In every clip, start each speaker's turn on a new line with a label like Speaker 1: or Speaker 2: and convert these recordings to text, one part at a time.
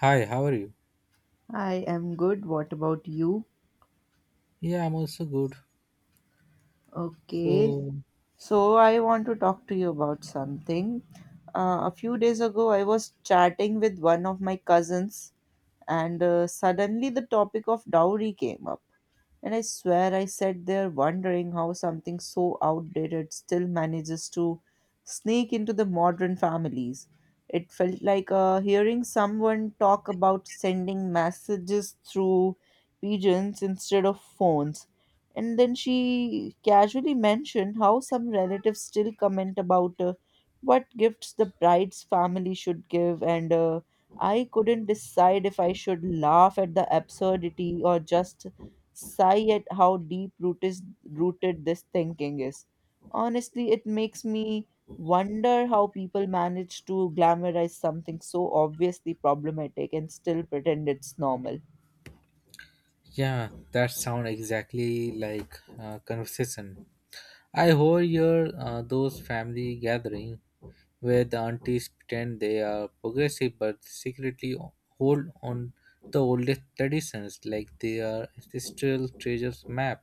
Speaker 1: Hi, how are you?
Speaker 2: I am good. What about you?
Speaker 1: Yeah, I'm also good.
Speaker 2: Okay.
Speaker 1: So,
Speaker 2: So I want to talk to you about something. A few days ago, I was chatting with one of my cousins, and suddenly the topic of dowry came up. And I swear I sat there wondering how something so outdated still manages to sneak into the modern families. It felt like hearing someone talk about sending messages through pigeons instead of phones. And then she casually mentioned how some relatives still comment about what gifts the bride's family should give, and I couldn't decide if I should laugh at the absurdity or just sigh at how deep rooted this thinking is. Honestly, it makes me wonder how people manage to glamorize something so obviously problematic and still pretend it's normal.
Speaker 1: yeah, that sound exactly like conversation. I overhear those family gathering where the aunties pretend they are progressive but secretly hold on the oldest traditions like they are ancestral treasures map.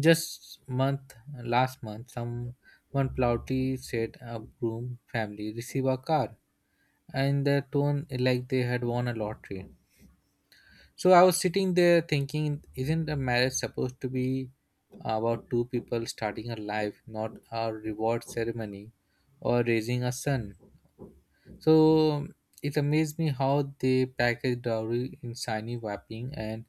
Speaker 1: Just month Last month, someone proudly said a groom family receive a car, and their tone like they had won a lottery. So I was sitting there thinking, isn't a marriage supposed to be about two people starting a life, not a reward ceremony or raising a son? So it amazed me how they package dowry in shiny wrapping and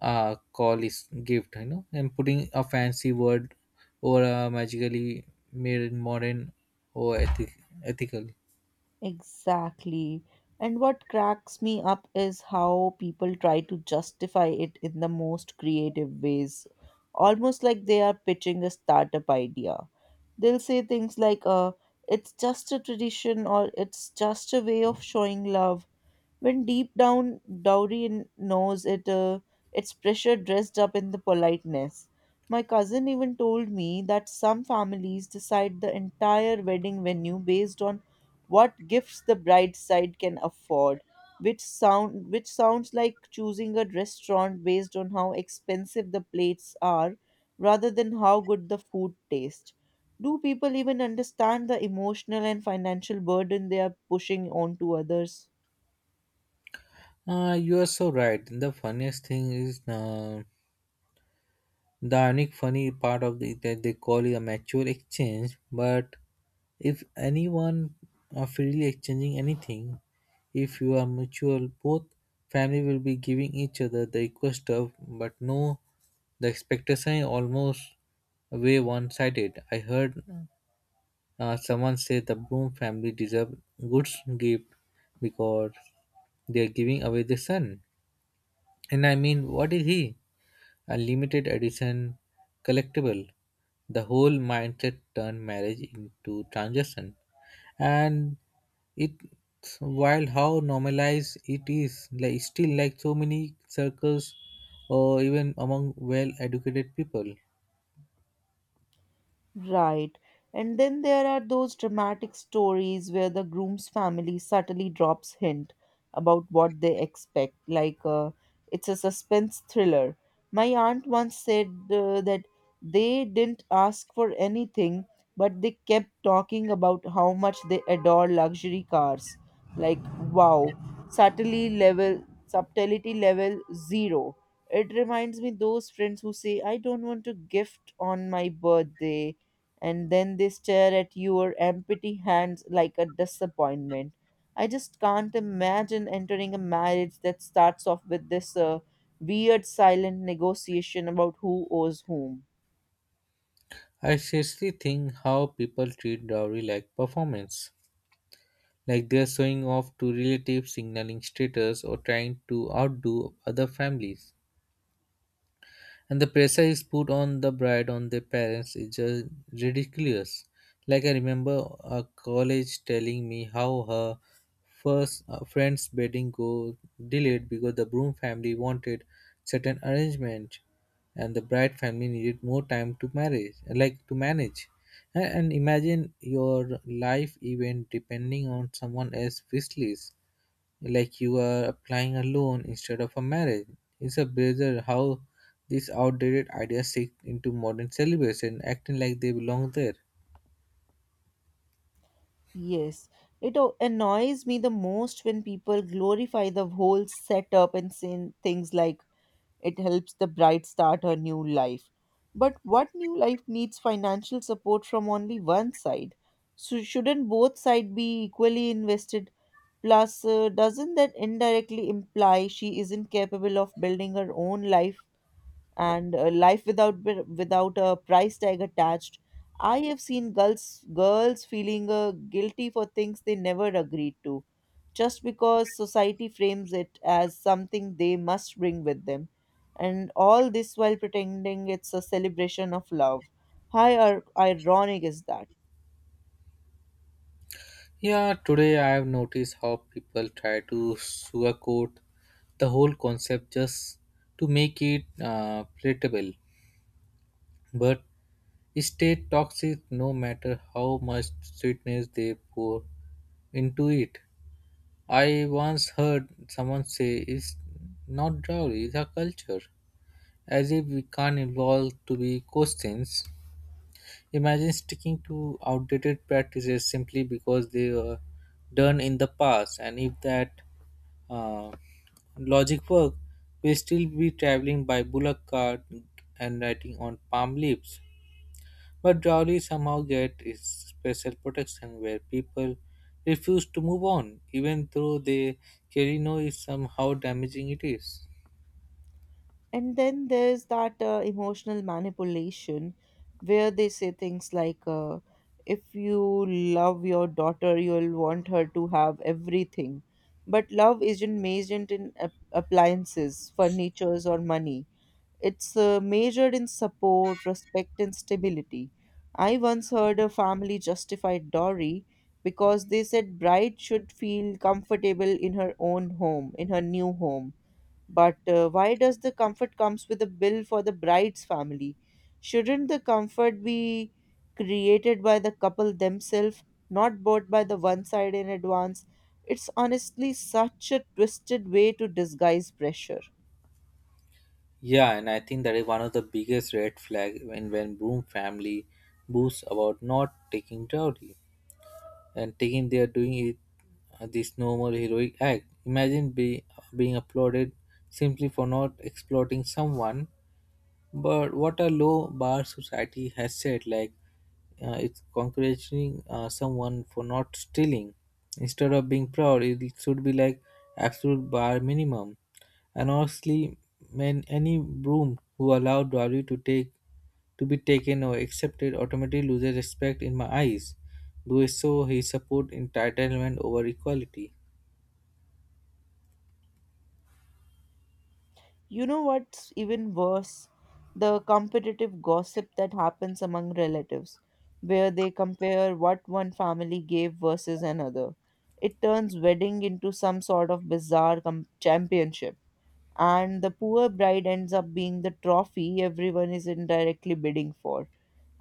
Speaker 1: call is gift, and putting a fancy word or a magically made in modern or ethical.
Speaker 2: Exactly. And what cracks me up is how people try to justify it in the most creative ways, almost like they are pitching a startup idea. They'll say things like, it's just a tradition, or it's just a way of showing love, when deep down Dowry knows it, it's pressure dressed up in the politeness. My cousin even told me that some families decide the entire wedding venue based on what gifts the bride side can afford, which sounds like choosing a restaurant based on how expensive the plates are rather than how good the food tastes. Do people even understand the emotional and financial burden they are pushing onto others?
Speaker 1: You are so right. The funniest thing is. The ironic funny part that they call it a mature exchange, but if anyone are freely exchanging anything, if you are mutual, both family will be giving each other the equal stuff, but no, the expectation is almost way one-sided. I heard someone say the Bloom family deserve good gift because they are giving away the sun. And I mean, what is he? A limited edition collectible. The whole mindset turned marriage into transaction, and it's wild how normalized it is. Like still, like so many circles, or even among well-educated people.
Speaker 2: Right. And then there are those dramatic stories where the groom's family subtly drops hint about what they expect, like it's a suspense thriller. My aunt once said that they didn't ask for anything, but they kept talking about how much they adore luxury cars. Like, wow, subtlety level zero. It reminds me those friends who say I don't want to gift on my birthday, and then they stare at your empty hands like a disappointment. I just can't imagine entering a marriage that starts off with this weird silent negotiation about who owes whom.
Speaker 1: I seriously think how people treat dowry like performance, like they're showing off to relatives, signaling status, or trying to outdo other families. And the pressure is put on the bride on their parents is just ridiculous. Like I remember a college telling me how her first friend's wedding go delayed because the groom family wanted certain arrangement and the bride family needed more time to marriage like to manage, and imagine your life event depending on someone else's wish list like you are applying a loan instead of a marriage. It's a bizarre how these outdated ideas sink into modern celebration, acting like they belong there.
Speaker 2: Yes, it annoys me the most when people glorify the whole setup and saying things like, it helps the bride start her new life. But what new life needs financial support from only one side? So shouldn't both sides be equally invested? Plus, doesn't that indirectly imply she isn't capable of building her own life and life without without a price tag attached? I have seen girls feeling guilty for things they never agreed to, just because society frames it as something they must bring with them, and all this while pretending it's a celebration of love. How ironic is that?
Speaker 1: Yeah, today I have noticed how people try to sugarcoat the whole concept just to make it palatable, but it stay toxic no matter how much sweetness they pour into it. I once heard someone say it's not dowry, it's a culture. As if we can't evolve to be questions. Imagine sticking to outdated practices simply because they were done in the past, and if that uh, logic worked, we still be traveling by bullock cart and writing on palm leaves. But Drawley somehow get its special protection where people refuse to move on, even though they clearly know is somehow damaging it is.
Speaker 2: And then there's that emotional manipulation where they say things like, if you love your daughter, you'll want her to have everything. But love isn't measured in appliances, furnitures, or money. It's measured in support, respect, and stability. I once heard a family justify dowry because they said bride should feel comfortable in her own home, in her new home, but why does the comfort comes with a bill for the bride's family? Shouldn't the comfort be created by the couple themselves, not bought by the one side in advance? It's honestly such a twisted way to disguise pressure.
Speaker 1: Yeah, and I think that is one of the biggest red flag when Broom family boasts about not taking dowry and taking they are doing it this normal heroic act. Imagine being applauded simply for not exploiting someone. But what a low bar society has set. Like it's congratulating someone for not stealing. Instead of being proud, it should be like absolute bar minimum. And honestly, man, any broom who allowed dowry to be taken or accepted automatically loses respect in my eyes. Because so he support entitlement over equality.
Speaker 2: You know what's even worse? The competitive gossip that happens among relatives, where they compare what one family gave versus another. It turns wedding into some sort of bizarre championship, and the poor bride ends up being the trophy everyone is indirectly bidding for.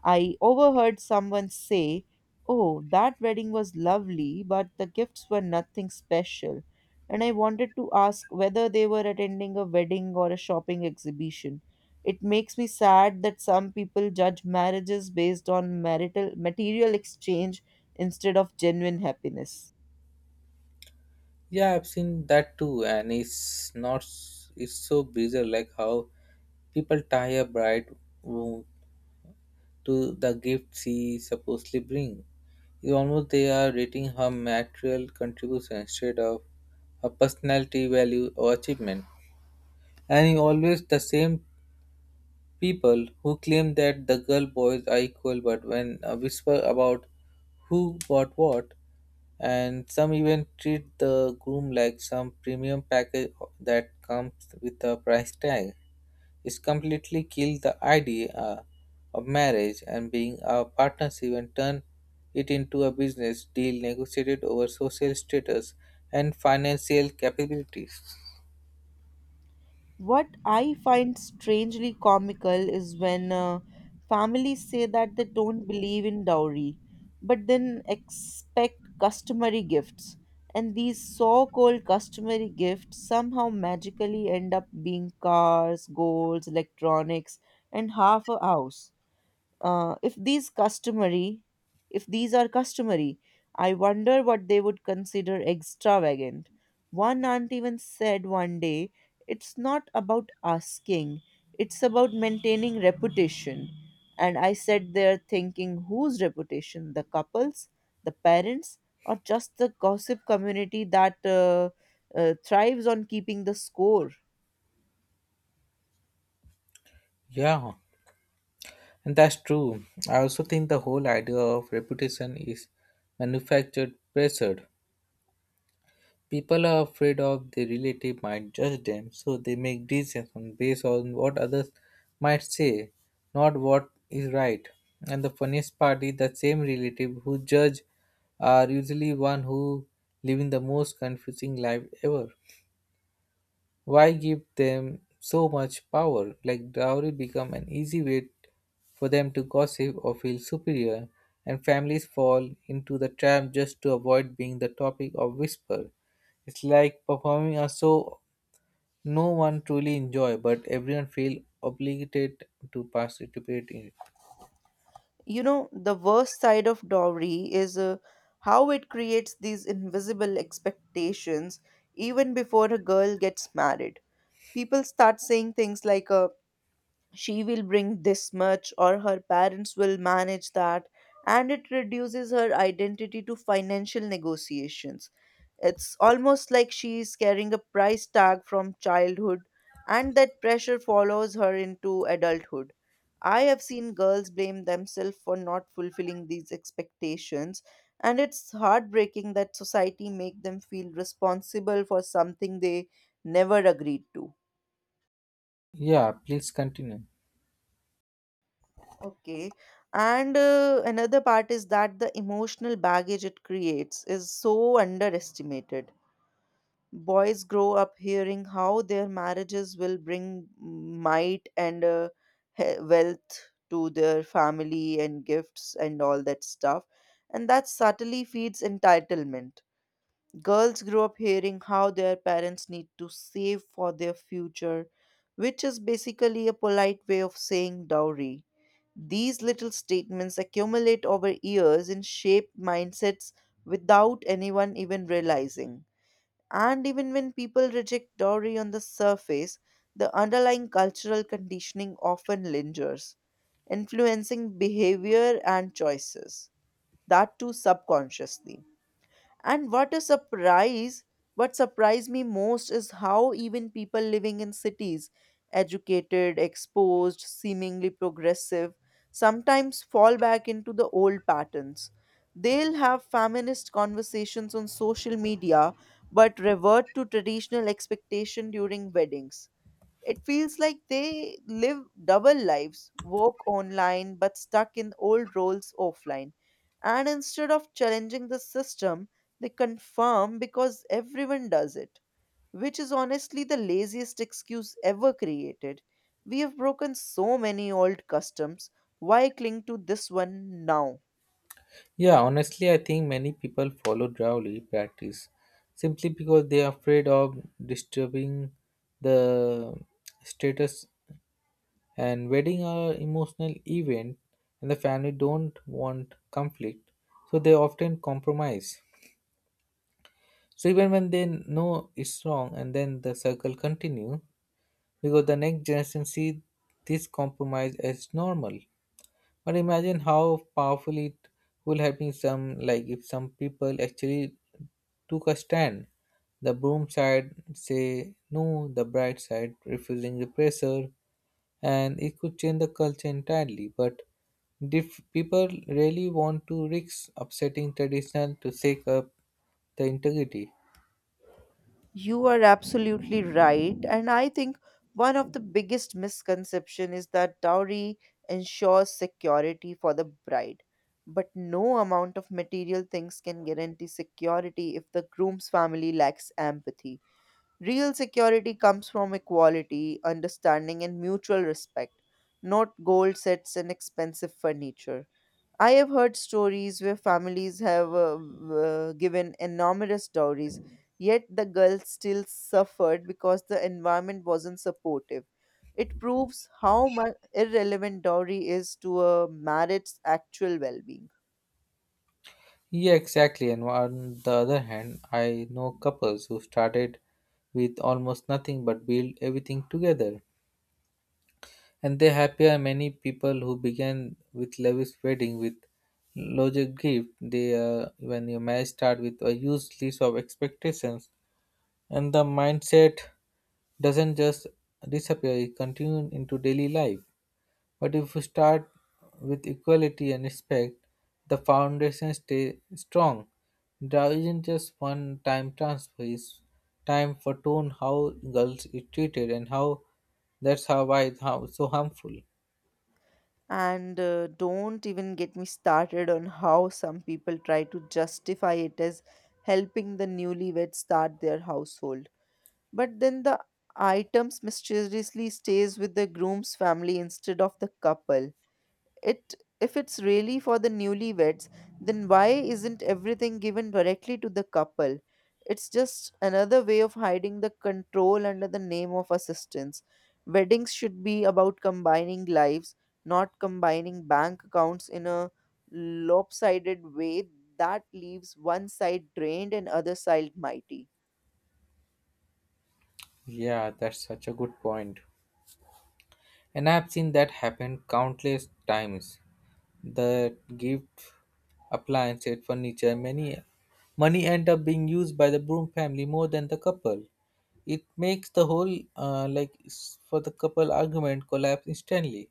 Speaker 2: I overheard someone say, oh, that wedding was lovely, but the gifts were nothing special. And I wanted to ask whether they were attending a wedding or a shopping exhibition. It makes me sad that some people judge marriages based on marital material exchange instead of genuine happiness.
Speaker 1: Yeah, I've seen that too, and it's not it's so bizarre like how people tie a bride womb to the gift she supposedly bring. It's almost they are rating her material contribution instead of her personality, value, or achievement. And he always the same. People who claim that the girl boys are equal, but when whisper about who bought what, and some even treat the groom like some premium package that comes with a price tag. It's completely killed the idea of marriage and being a partnership and turn it into a business deal negotiated over social status and financial capabilities.
Speaker 2: What I find strangely comical is when families say that they don't believe in dowry, but then expect customary gifts. And these so called customary gifts somehow magically end up being cars, golds, electronics, and half a house. uh, if these customary if these are customary, I wonder what they would consider extravagant. One aunt even said one day, it's not about asking, it's about maintaining reputation. And I sat there thinking, whose reputation? The couples, the parents, or just the gossip community that thrives on keeping the score?
Speaker 1: Yeah. And that's true. I also think the whole idea of reputation is manufactured pressure. People are afraid of their relative might judge them, so they make decisions based on what others might say, not what is right. And the funniest part is the same relative who judge are usually one who living the most confusing life ever. Why give them so much power? Like dowry become an easy way for them to gossip or feel superior, and families fall into the trap just to avoid being the topic of whisper. It's like performing a show no one truly enjoy, but everyone feel obligated to participate in. It.
Speaker 2: You know the worst side of dowry is how it creates these invisible expectations even before a girl gets married. People start saying things like, she will bring this much, or her parents will manage that. And it reduces her identity to financial negotiations. It's almost like she is carrying a price tag from childhood, and that pressure follows her into adulthood. I have seen girls blame themselves for not fulfilling these expectations, and it's heartbreaking that society make them feel responsible for something they never agreed to.
Speaker 1: Yeah, please continue.
Speaker 2: Okay. And another part is that the emotional baggage it creates is so underestimated. Boys grow up hearing how their marriages will bring might and wealth to their family and gifts and all that stuff. And that subtly feeds entitlement. Girls grow up hearing how their parents need to save for their future, which is basically a polite way of saying dowry. These little statements accumulate over years and shape mindsets without anyone even realizing. And even when people reject dowry on the surface, the underlying cultural conditioning often lingers, influencing behavior and choices, that too subconsciously. And what a surprise! What surprised me most is how even people living in cities, educated, exposed, seemingly progressive, sometimes fall back into the old patterns. They'll have feminist conversations on social media but revert to traditional expectation during weddings. It feels like they live double lives, work online but stuck in old roles offline. And instead of challenging the system, they confirm because everyone does it, which is honestly the laziest excuse ever created. We have broken so many old customs. Why cling to this one now?
Speaker 1: Yeah, honestly, I think many people follow Drawly practice simply because they are afraid of disturbing the status, and wedding are emotional event, and the family don't want conflict, so they often compromise, so even when they know it's wrong, and then the circle continue because the next generation see this compromise as normal. But imagine how powerful it would have been some like if some people actually took a stand. The broom side say no, the bright side refusing the pressure, and it could change the culture entirely. But if people really want to risk upsetting traditional to shake up the integrity.
Speaker 2: You are absolutely right. And I think one of the biggest misconception is that dowry ensures security for the bride. But no amount of material things can guarantee security if the groom's family lacks empathy. Real security comes from equality, understanding, and mutual respect, not gold sets and expensive furniture. I have heard stories where families have given enormous dowries, yet the girl still suffered because the environment wasn't supportive. It proves how much irrelevant dowry is to a marriage's actual well being.
Speaker 1: Yeah, exactly. And on the other hand, I know couples who started with almost nothing but built everything together. And they happier many people who began with lavish wedding with larger gift they when your marriage start with a huge list of expectations and the mindset doesn't just disappear, it continues into daily life. But if you start with equality and respect, the foundation stay strong. There isn't just one time transfer. It's time for tone how girls is treated and how that's how why it's how so harmful.
Speaker 2: And don't even get me started on how some people try to justify it as helping the newlyweds start their household. But then the items mysteriously stays with the groom's family instead of the couple. It if it's really for the newlyweds, then why isn't everything given directly to the couple? It's just another way of hiding the control under the name of assistance. Weddings should be about combining lives, not combining bank accounts in a lopsided way that leaves one side drained and other side mighty.
Speaker 1: Yeah, that's such a good point. And I've seen that happen countless times. The gift appliances, furniture, many money end up being used by the broom family more than the couple. It makes the whole like for the couple argument collapse instantly,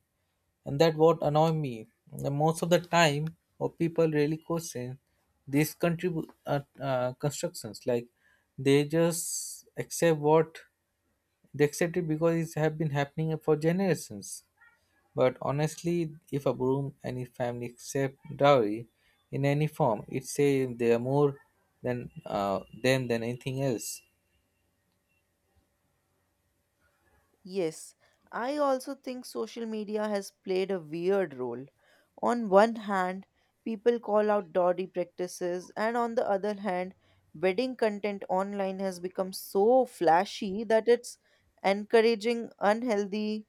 Speaker 1: and that what annoy me. The most of the time, or people really question these constructions. Like they just accept what they accept it because it's have been happening for generations. But honestly, if a broom any family accept dowry in any form, it say they are more than them than anything else.
Speaker 2: Yes, I also think social media has played a weird role. On one hand, people call out dodgy practices, and on the other hand, wedding content online has become so flashy that it's encouraging unhealthy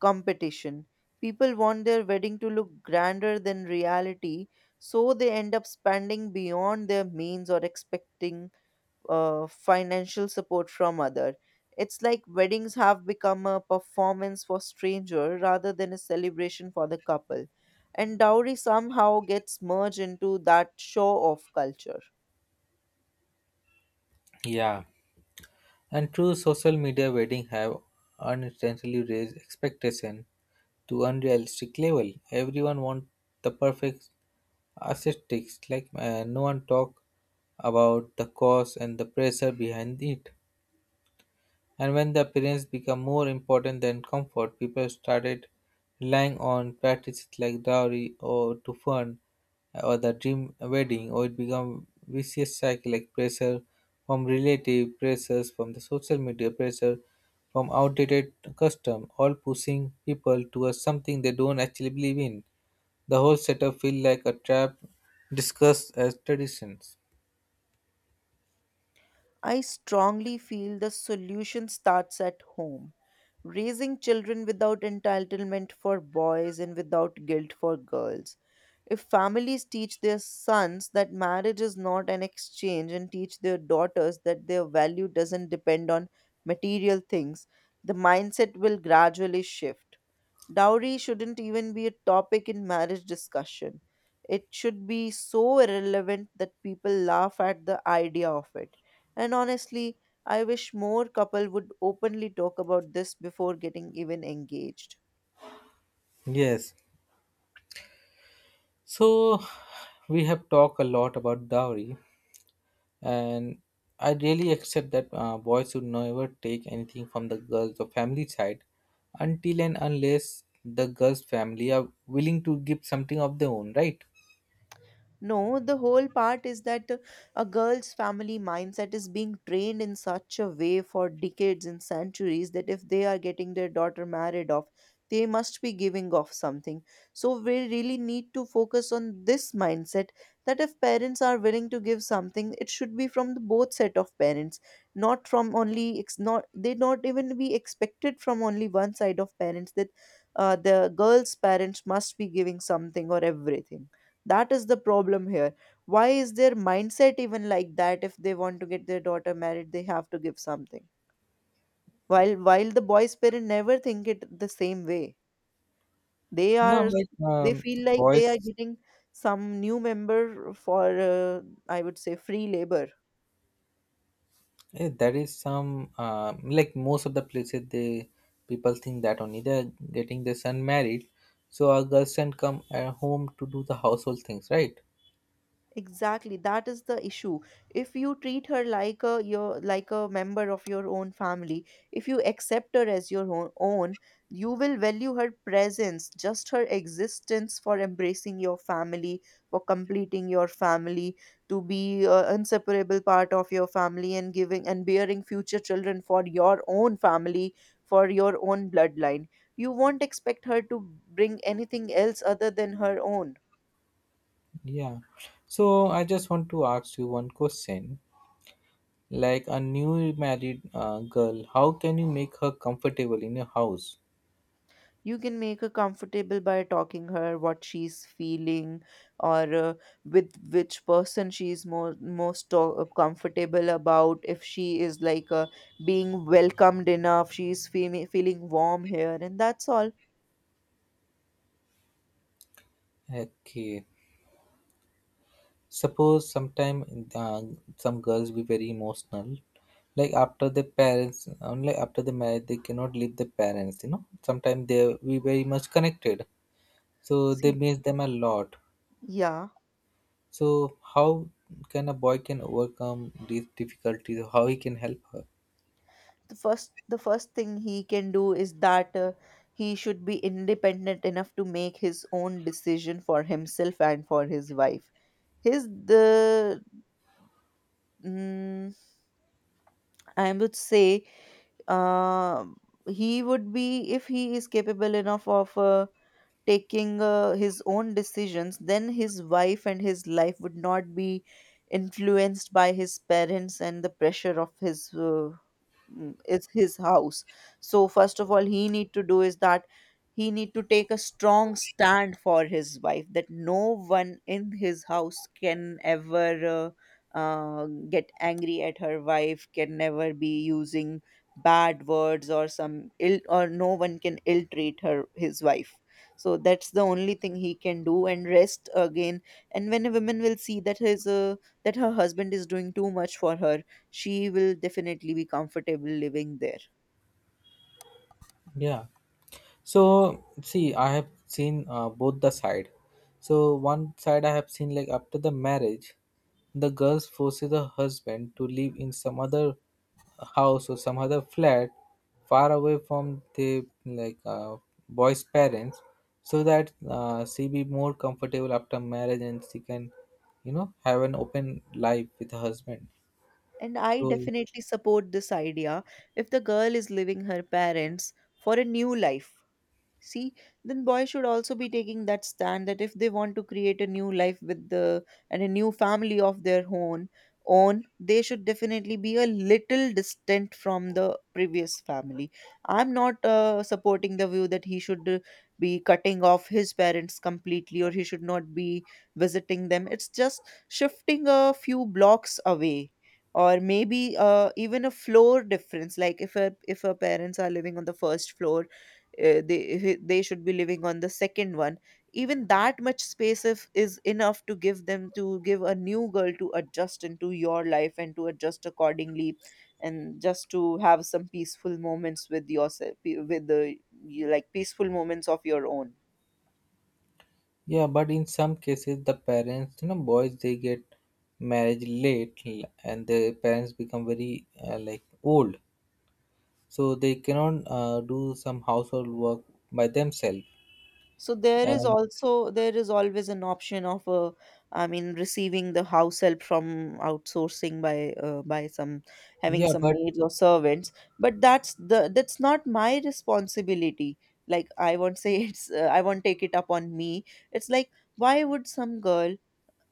Speaker 2: competition. People want their wedding to look grander than reality, so they end up spending beyond their means or expecting financial support from other. It's like weddings have become a performance for stranger rather than a celebration for the couple, and dowry somehow gets merged into that show off culture.
Speaker 1: Yeah, and true social media wedding have unintentionally raised expectation to unrealistic level. Everyone want the perfect aesthetics, like no one talk about the cause and the pressure behind it. And when the appearance became more important than comfort, people started relying on practices like dowry or to fund or the dream wedding, or it became vicious cycle like pressure from relative pressures from the social media pressure from outdated custom, all pushing people towards something they don't actually believe in. The whole setup feel like a trap discussed as traditions.
Speaker 2: I strongly feel the solution starts at home, raising children without entitlement for boys and without guilt for girls. If families teach their sons that marriage is not an exchange and teach their daughters that their value doesn't depend on material things, the mindset will gradually shift. Dowry shouldn't even be a topic in marriage discussion. It should be so irrelevant that people laugh at the idea of it. And honestly, I wish more couple would openly talk about this before getting even engaged.
Speaker 1: Yes. So we have talked a lot about dowry, and I really accept that boys should never take anything from the girls or family side until and unless the girls' family are willing to give something of their own, right?
Speaker 2: No, the whole part is that a girl's family mindset is being trained in such a way for decades and centuries that if they are getting their daughter married off, they must be giving off something. So we really need to focus on this mindset, that if parents are willing to give something, it should be from the both set of parents, not from only not even be expected from only one side of parents, that the girl's parents must be giving something or everything. That is the problem here. Why is their mindset even like that? If they want to get their daughter married, they have to give something, while the boys parent never think it the same way. They
Speaker 1: No,
Speaker 2: are
Speaker 1: like
Speaker 2: they feel like
Speaker 1: boys,
Speaker 2: they are getting some new member for, uh, I would say, free labor.
Speaker 1: eh, there is some like most of the places they people think that only they're getting their son married, so our girls can come home to do the household things, right?
Speaker 2: Exactly, that is the issue. If you treat her like a your like a member of your own family, if you accept her as your own, you will value her presence, just her existence for embracing your family, for completing your family, to be an inseparable part of your family, and giving and bearing future children for your own family, for your own bloodline. You won't expect her to bring anything else other than her own.
Speaker 1: Yeah. So I just want to ask you one question. Like a new married girl, how can you make her comfortable in your house?
Speaker 2: You can make her comfortable by talking her what she's feeling, or with which person she's more most to- comfortable about. If she is, like, being welcomed enough, she's feeling warm here, and that's all.
Speaker 1: Okay. Suppose sometime some girls be very emotional. Like after the parents, only after the marriage, they cannot leave the parents. You know, sometimes they be very much connected, so they
Speaker 2: See,
Speaker 1: miss them a lot.
Speaker 2: yeah,
Speaker 1: So how can a boy can overcome these difficulties? How he can help her?
Speaker 2: the first thing he can do is that, he should be independent enough to make his own decision for himself and for his wife. His the mm, I would say, uh, he would be if he is capable enough of taking his own decisions, then his wife and his life would not be influenced by his parents and the pressure of his, it's his house. So first of all, he need to do is that he need to take a strong stand for his wife, that no one in his house can ever get angry at her. Wife can never be using bad words or some ill, or no one can ill treat her, his wife. So that's the only thing he can do, and rest again. And when a woman will see that his that her husband is doing too much for her, she will definitely be comfortable living there.
Speaker 1: Yeah. So see, I have seen both the side. So one side I have seen like after the marriage, the girls forces the husband to live in some other house or some other flat far away from the like boy's parents so that she be more comfortable after marriage, and she can you know have an open life with her husband
Speaker 2: And I
Speaker 1: so.
Speaker 2: definitely support this idea, if the girl is leaving her parents for a new life. See, then boys should also be taking that stand, that if they want to create a new life with the and a new family of their own, they should definitely be a little distant from the previous family. I'm not supporting the view that he should, be cutting off his parents completely, or he should not be visiting them. It's just shifting a few blocks away, or maybe, even a floor difference, like if her parents are living on the first floor, they should be living on the second one. Even that much space, if is enough, to give them, to give a new girl, to adjust into your life and to adjust accordingly, and just to have some peaceful moments with yourself, with the you like peaceful moments of your own.
Speaker 1: Yeah, but in some cases, the parents, you know, boys they get married and their parents become very like old, so they cannot do some household work by themselves.
Speaker 2: So
Speaker 1: And
Speaker 2: there is always an option of, I mean, receiving the house help from outsourcing by, by some, having
Speaker 1: yeah,
Speaker 2: some
Speaker 1: but
Speaker 2: maids or servants. But that's not my responsibility. Like, I won't say. It's, I won't take it up on me. It's like, why would some girl,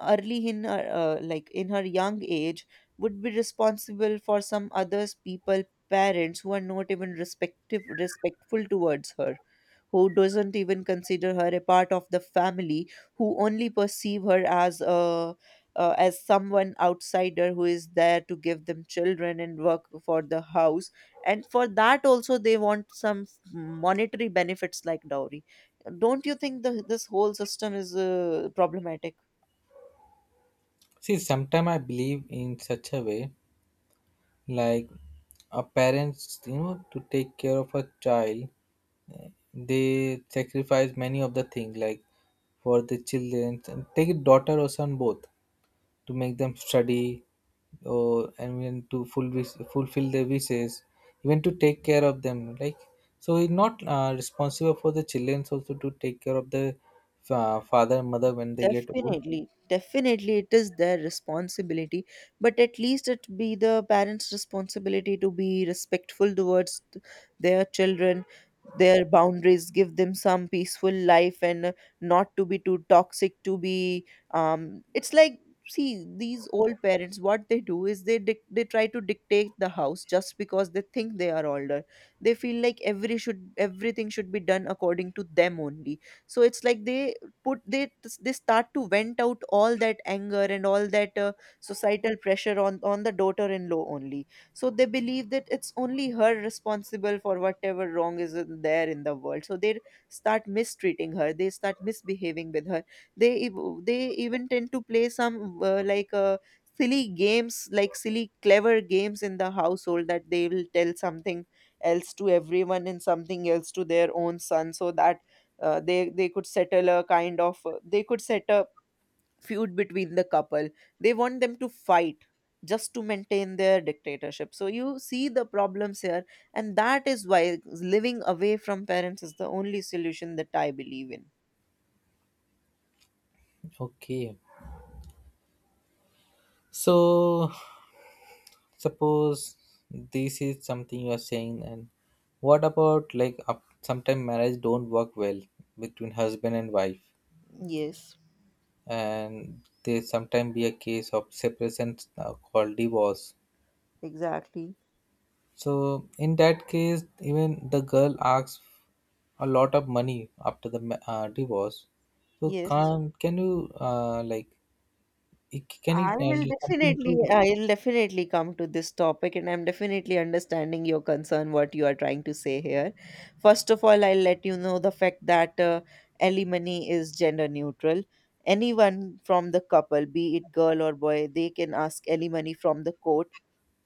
Speaker 2: early in her, like in her young age, would be responsible for some others people parents, who are not even respective respectful towards her, who doesn't even consider her a part of the family, who only perceive her as a, as someone outsider, who is there to give them children and work for the house? And for that also, they want some monetary benefits, like dowry. Don't you think this whole system is, problematic?
Speaker 1: see, sometimes I believe in such a way like a parents, you know, to take care of a child, uh, they sacrifice many of the things like for the children. Take daughter or son both. To make them study or and even to fulfill their wishes even to take care of them like so he's not responsible for the children also to take care of the father and mother when they get old.
Speaker 2: Definitely, definitely, it is their responsibility, but at least it be the parents' responsibility to be respectful towards their children, their boundaries, give them some peaceful life, and, not to be too toxic. To be, it's like, see, these old parents, what they do is they try to dictate the house, just because they think they are older. They feel like everything should be done according to them only. So it's like they put they start to vent out all that anger and all that, societal pressure on the daughter-in-law only. So they believe that it's only her responsible for whatever wrong is there in the world, so they start mistreating her, they start misbehaving with her. They even tend to play some, silly games, like silly clever games in the household, that they will tell something else to everyone and something else to their own son, so that, they could settle a kind of they could set a feud between the couple. They want them to fight, just to maintain their dictatorship. So you see the problems here, and that is why living away from parents is the only solution that I believe in.
Speaker 1: Okay, so suppose this is something you are saying and what about like up sometimes marriage don't work well between husband and wife,
Speaker 2: Yes,
Speaker 1: and there sometimes be a case of separation called divorce.
Speaker 2: exactly.
Speaker 1: So in that case, even the girl asks a lot of money after the divorce. So
Speaker 2: Yes,
Speaker 1: can you like can you do something to?
Speaker 2: I'll definitely come to this topic, and I'm definitely understanding your concern, what you are trying to say here. First of all, I'll let you know the fact that, alimony is gender neutral. Anyone from the couple, be it girl or boy, they can ask alimony from the court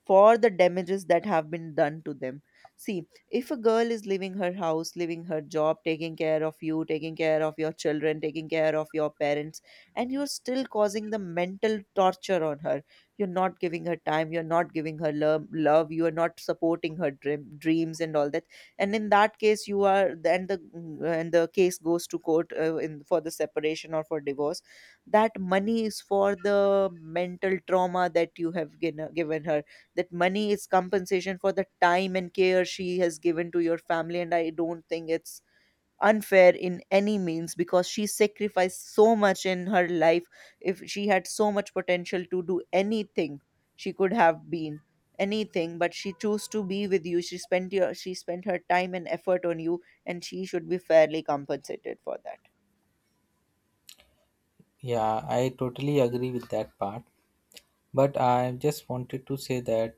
Speaker 2: for the damages that have been done to them. See, if a girl is leaving her house, leaving her job, taking care of you, taking care of your children, taking care of your parents, and you're still causing the mental torture on her, you're not giving her time, you're not giving her love, you are not supporting her dreams and all that. And in that case, you are then the and the case goes to court, in for the separation or for divorce. That money is for the mental trauma that you have given her. That money is compensation for the time and care she has given to your family, and I don't think it's unfair in any means, because she sacrificed so much in her life. If she had so much potential to do anything, she could have been anything, but she chose to be with you. She spent her time and effort on you, and she should be fairly compensated for that.
Speaker 1: Yeah, I totally agree with that part. But I just wanted to say that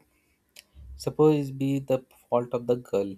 Speaker 1: suppose it be the fault of the girl.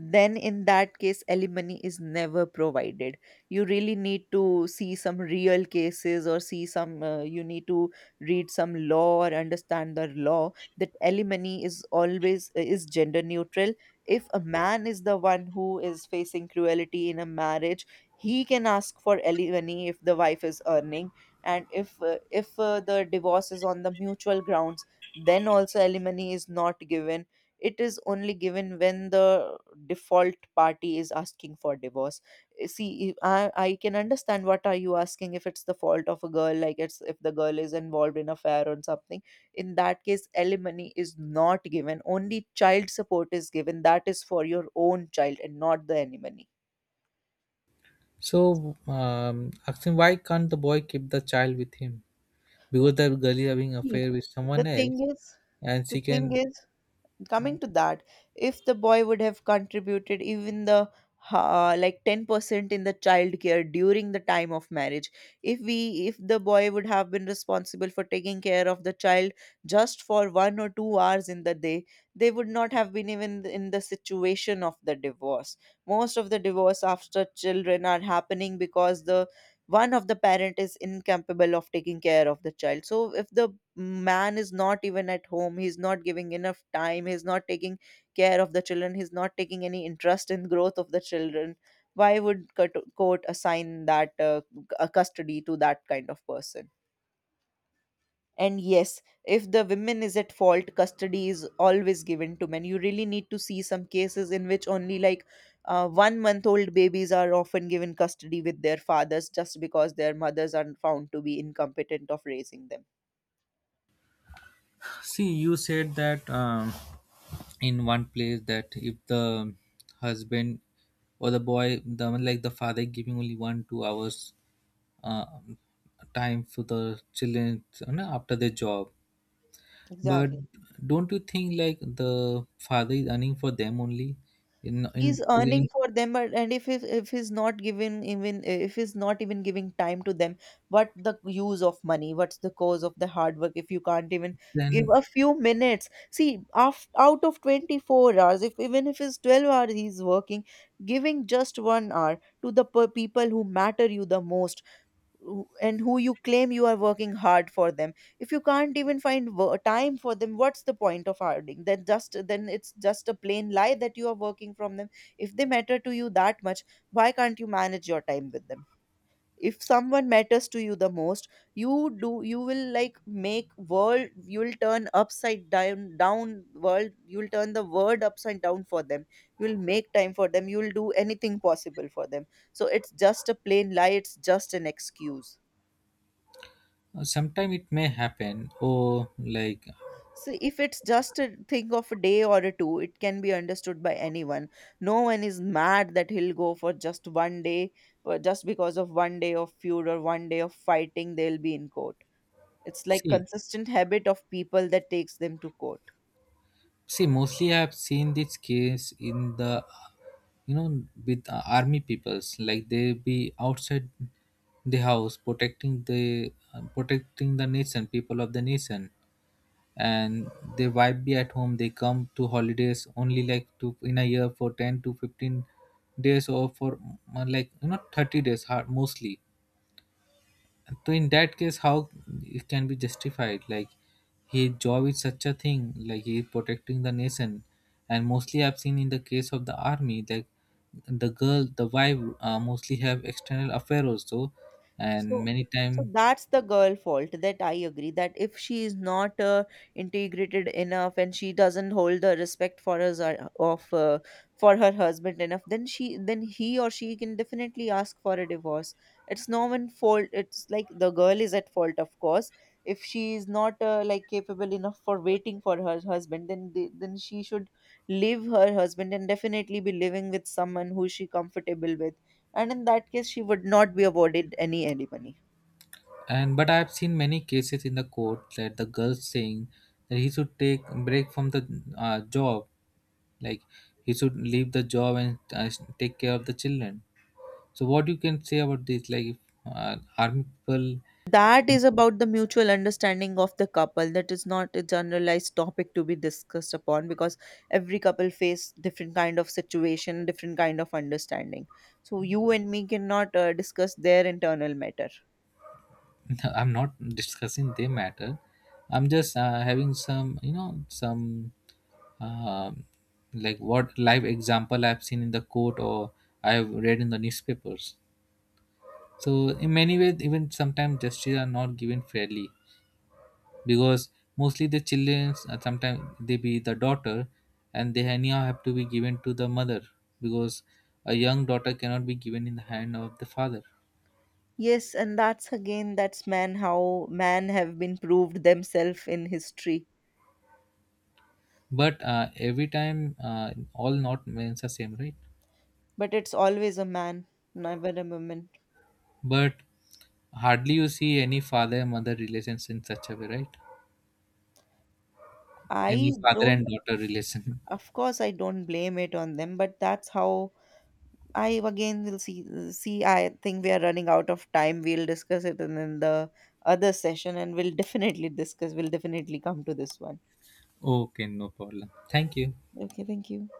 Speaker 2: Then in that case, alimony is never provided. You really need to see some real cases, or see some, you need to read some law or understand the law, that alimony is always, is gender neutral. If a man is the one who is facing cruelty in a marriage, he can ask for alimony if the wife is earning. And if, the divorce is on the mutual grounds, then also alimony is not given. It is only given when the default party is asking for divorce. Eh, see, I can understand what are you asking. If it's the fault of a girl, like, it's, if the girl is involved in affair or something, in that case alimony is not given, only child support is given, that is for your own child and not the alimony.
Speaker 1: So asking why can't the boy keep the child with him? Because the girl is having
Speaker 2: See,
Speaker 1: affair with someone
Speaker 2: the
Speaker 1: else,
Speaker 2: thing is,
Speaker 1: and
Speaker 2: the
Speaker 1: she
Speaker 2: thing
Speaker 1: can
Speaker 2: is coming to that, if the boy would have contributed even the, like, 10% in the child care during the time of marriage, if we if the boy would have been responsible for taking care of the child just for 1 or 2 hours in the day, they would not have been even in the situation of the divorce. Most of the divorce after children are happening because the one of the parent is incapable of taking care of the child. So if the man is not even at home, he's not giving enough time, he's not taking care of the children, he's not taking any interest in growth of the children, why would court assign a custody to that kind of person? And yes, if the women is at fault, custody is always given to men. You really need to see some cases in which only, like, 1-month old babies are often given custody with their fathers, just because their mothers are found to be incompetent of raising them.
Speaker 1: see. You said that. In one place that if the husband or the boy the like the father giving only one two hours uh, time for the children you know, after their job, but
Speaker 2: Exactly.
Speaker 1: don't you think like the father is earning for them only
Speaker 2: He's earning
Speaker 1: in
Speaker 2: for them, but — and if he's not given, even if he's not even giving time to them, what the use of money? What's the cause of the hard work, if you can't even give
Speaker 1: then
Speaker 2: a few minutes? See, af out of 24 hours, if even if it's 12 hours he's working, giving just 1 hour to the people who matter you the most, and who you claim you are working hard for them, if you can't even find time for them, what's the point of harding then? Just then, it's just a plain lie that you are working from them. If they matter to you that much, why can't you manage your time with them? If someone matters to you the most, you do you will, like, make world you'll turn upside down down world you'll turn the world upside down for them. You'll make time for them, you'll do anything possible for them. So it's just a plain lie, it's just an excuse.
Speaker 1: sometimes it may happen or like
Speaker 2: So, if it's just a thing of a day or a two, it can be understood by anyone. No one is mad that he'll go for just one day, for just because of one day of feud or one day of fighting, they'll be in court. It's like
Speaker 1: see.
Speaker 2: consistent habit of people that takes them to court.
Speaker 1: See, mostly I have seen this case in the, you know, with army peoples. Like they be outside the house protecting the nation, people of the nation, and they wife be at home. They come to holidays only like to in a year for 10 to 15 days or for like you know 30 days mostly, so in that case, how it can be justified? Like his job is such a thing, like he is protecting the nation, and mostly I've seen in the case of the army, like the girl, the wife, mostly have external affair also, and
Speaker 2: So,
Speaker 1: many
Speaker 2: so,
Speaker 1: time
Speaker 2: that's the girl fault that I agree, that if she is not, integrated enough, and she doesn't hold the respect for us, of for her husband enough, then she then he or she can definitely ask for a divorce. It's no one fault. It's like the girl is at fault, of course. If she is not like capable enough for waiting for her husband, then then she should leave her husband, and definitely be living with someone who she comfortable with. And in that case, she would not be awarded any alimony.
Speaker 1: and but I've seen many cases in the court that the girls saying that he should take break from the job, like he should leave the job and take care of the children. So what you can say about this? Like if, army people.
Speaker 2: That is about the mutual understanding of the couple. That is not a generalized topic to be discussed upon, because every couple face different kind of situation, different kind of understanding. So you and me cannot, discuss their internal matter.
Speaker 1: I'm not discussing their matter. I'm just having some, you know, some um like what live example I've seen in the court or I've read in the newspapers. So in many ways, even sometimes justice are not given fairly because mostly the children sometimes they be the daughter and they anyhow have to be given to the mother because a young daughter cannot be given in the hand of the father.
Speaker 2: Yes, and that's again, that's man, how man have been proved themselves in history.
Speaker 1: But every time, all not men are same, right?
Speaker 2: But it's always a man, never a woman.
Speaker 1: But hardly you see any father mother relations in such a way, right?
Speaker 2: I
Speaker 1: Any father
Speaker 2: don't —
Speaker 1: and daughter relation.
Speaker 2: of course, I don't blame it on them, but that's how I again will see. See, I think we are running out of time. We'll discuss it in the other session, and we'll definitely come to this one.
Speaker 1: okay, no problem. Thank you.
Speaker 2: Okay, thank you.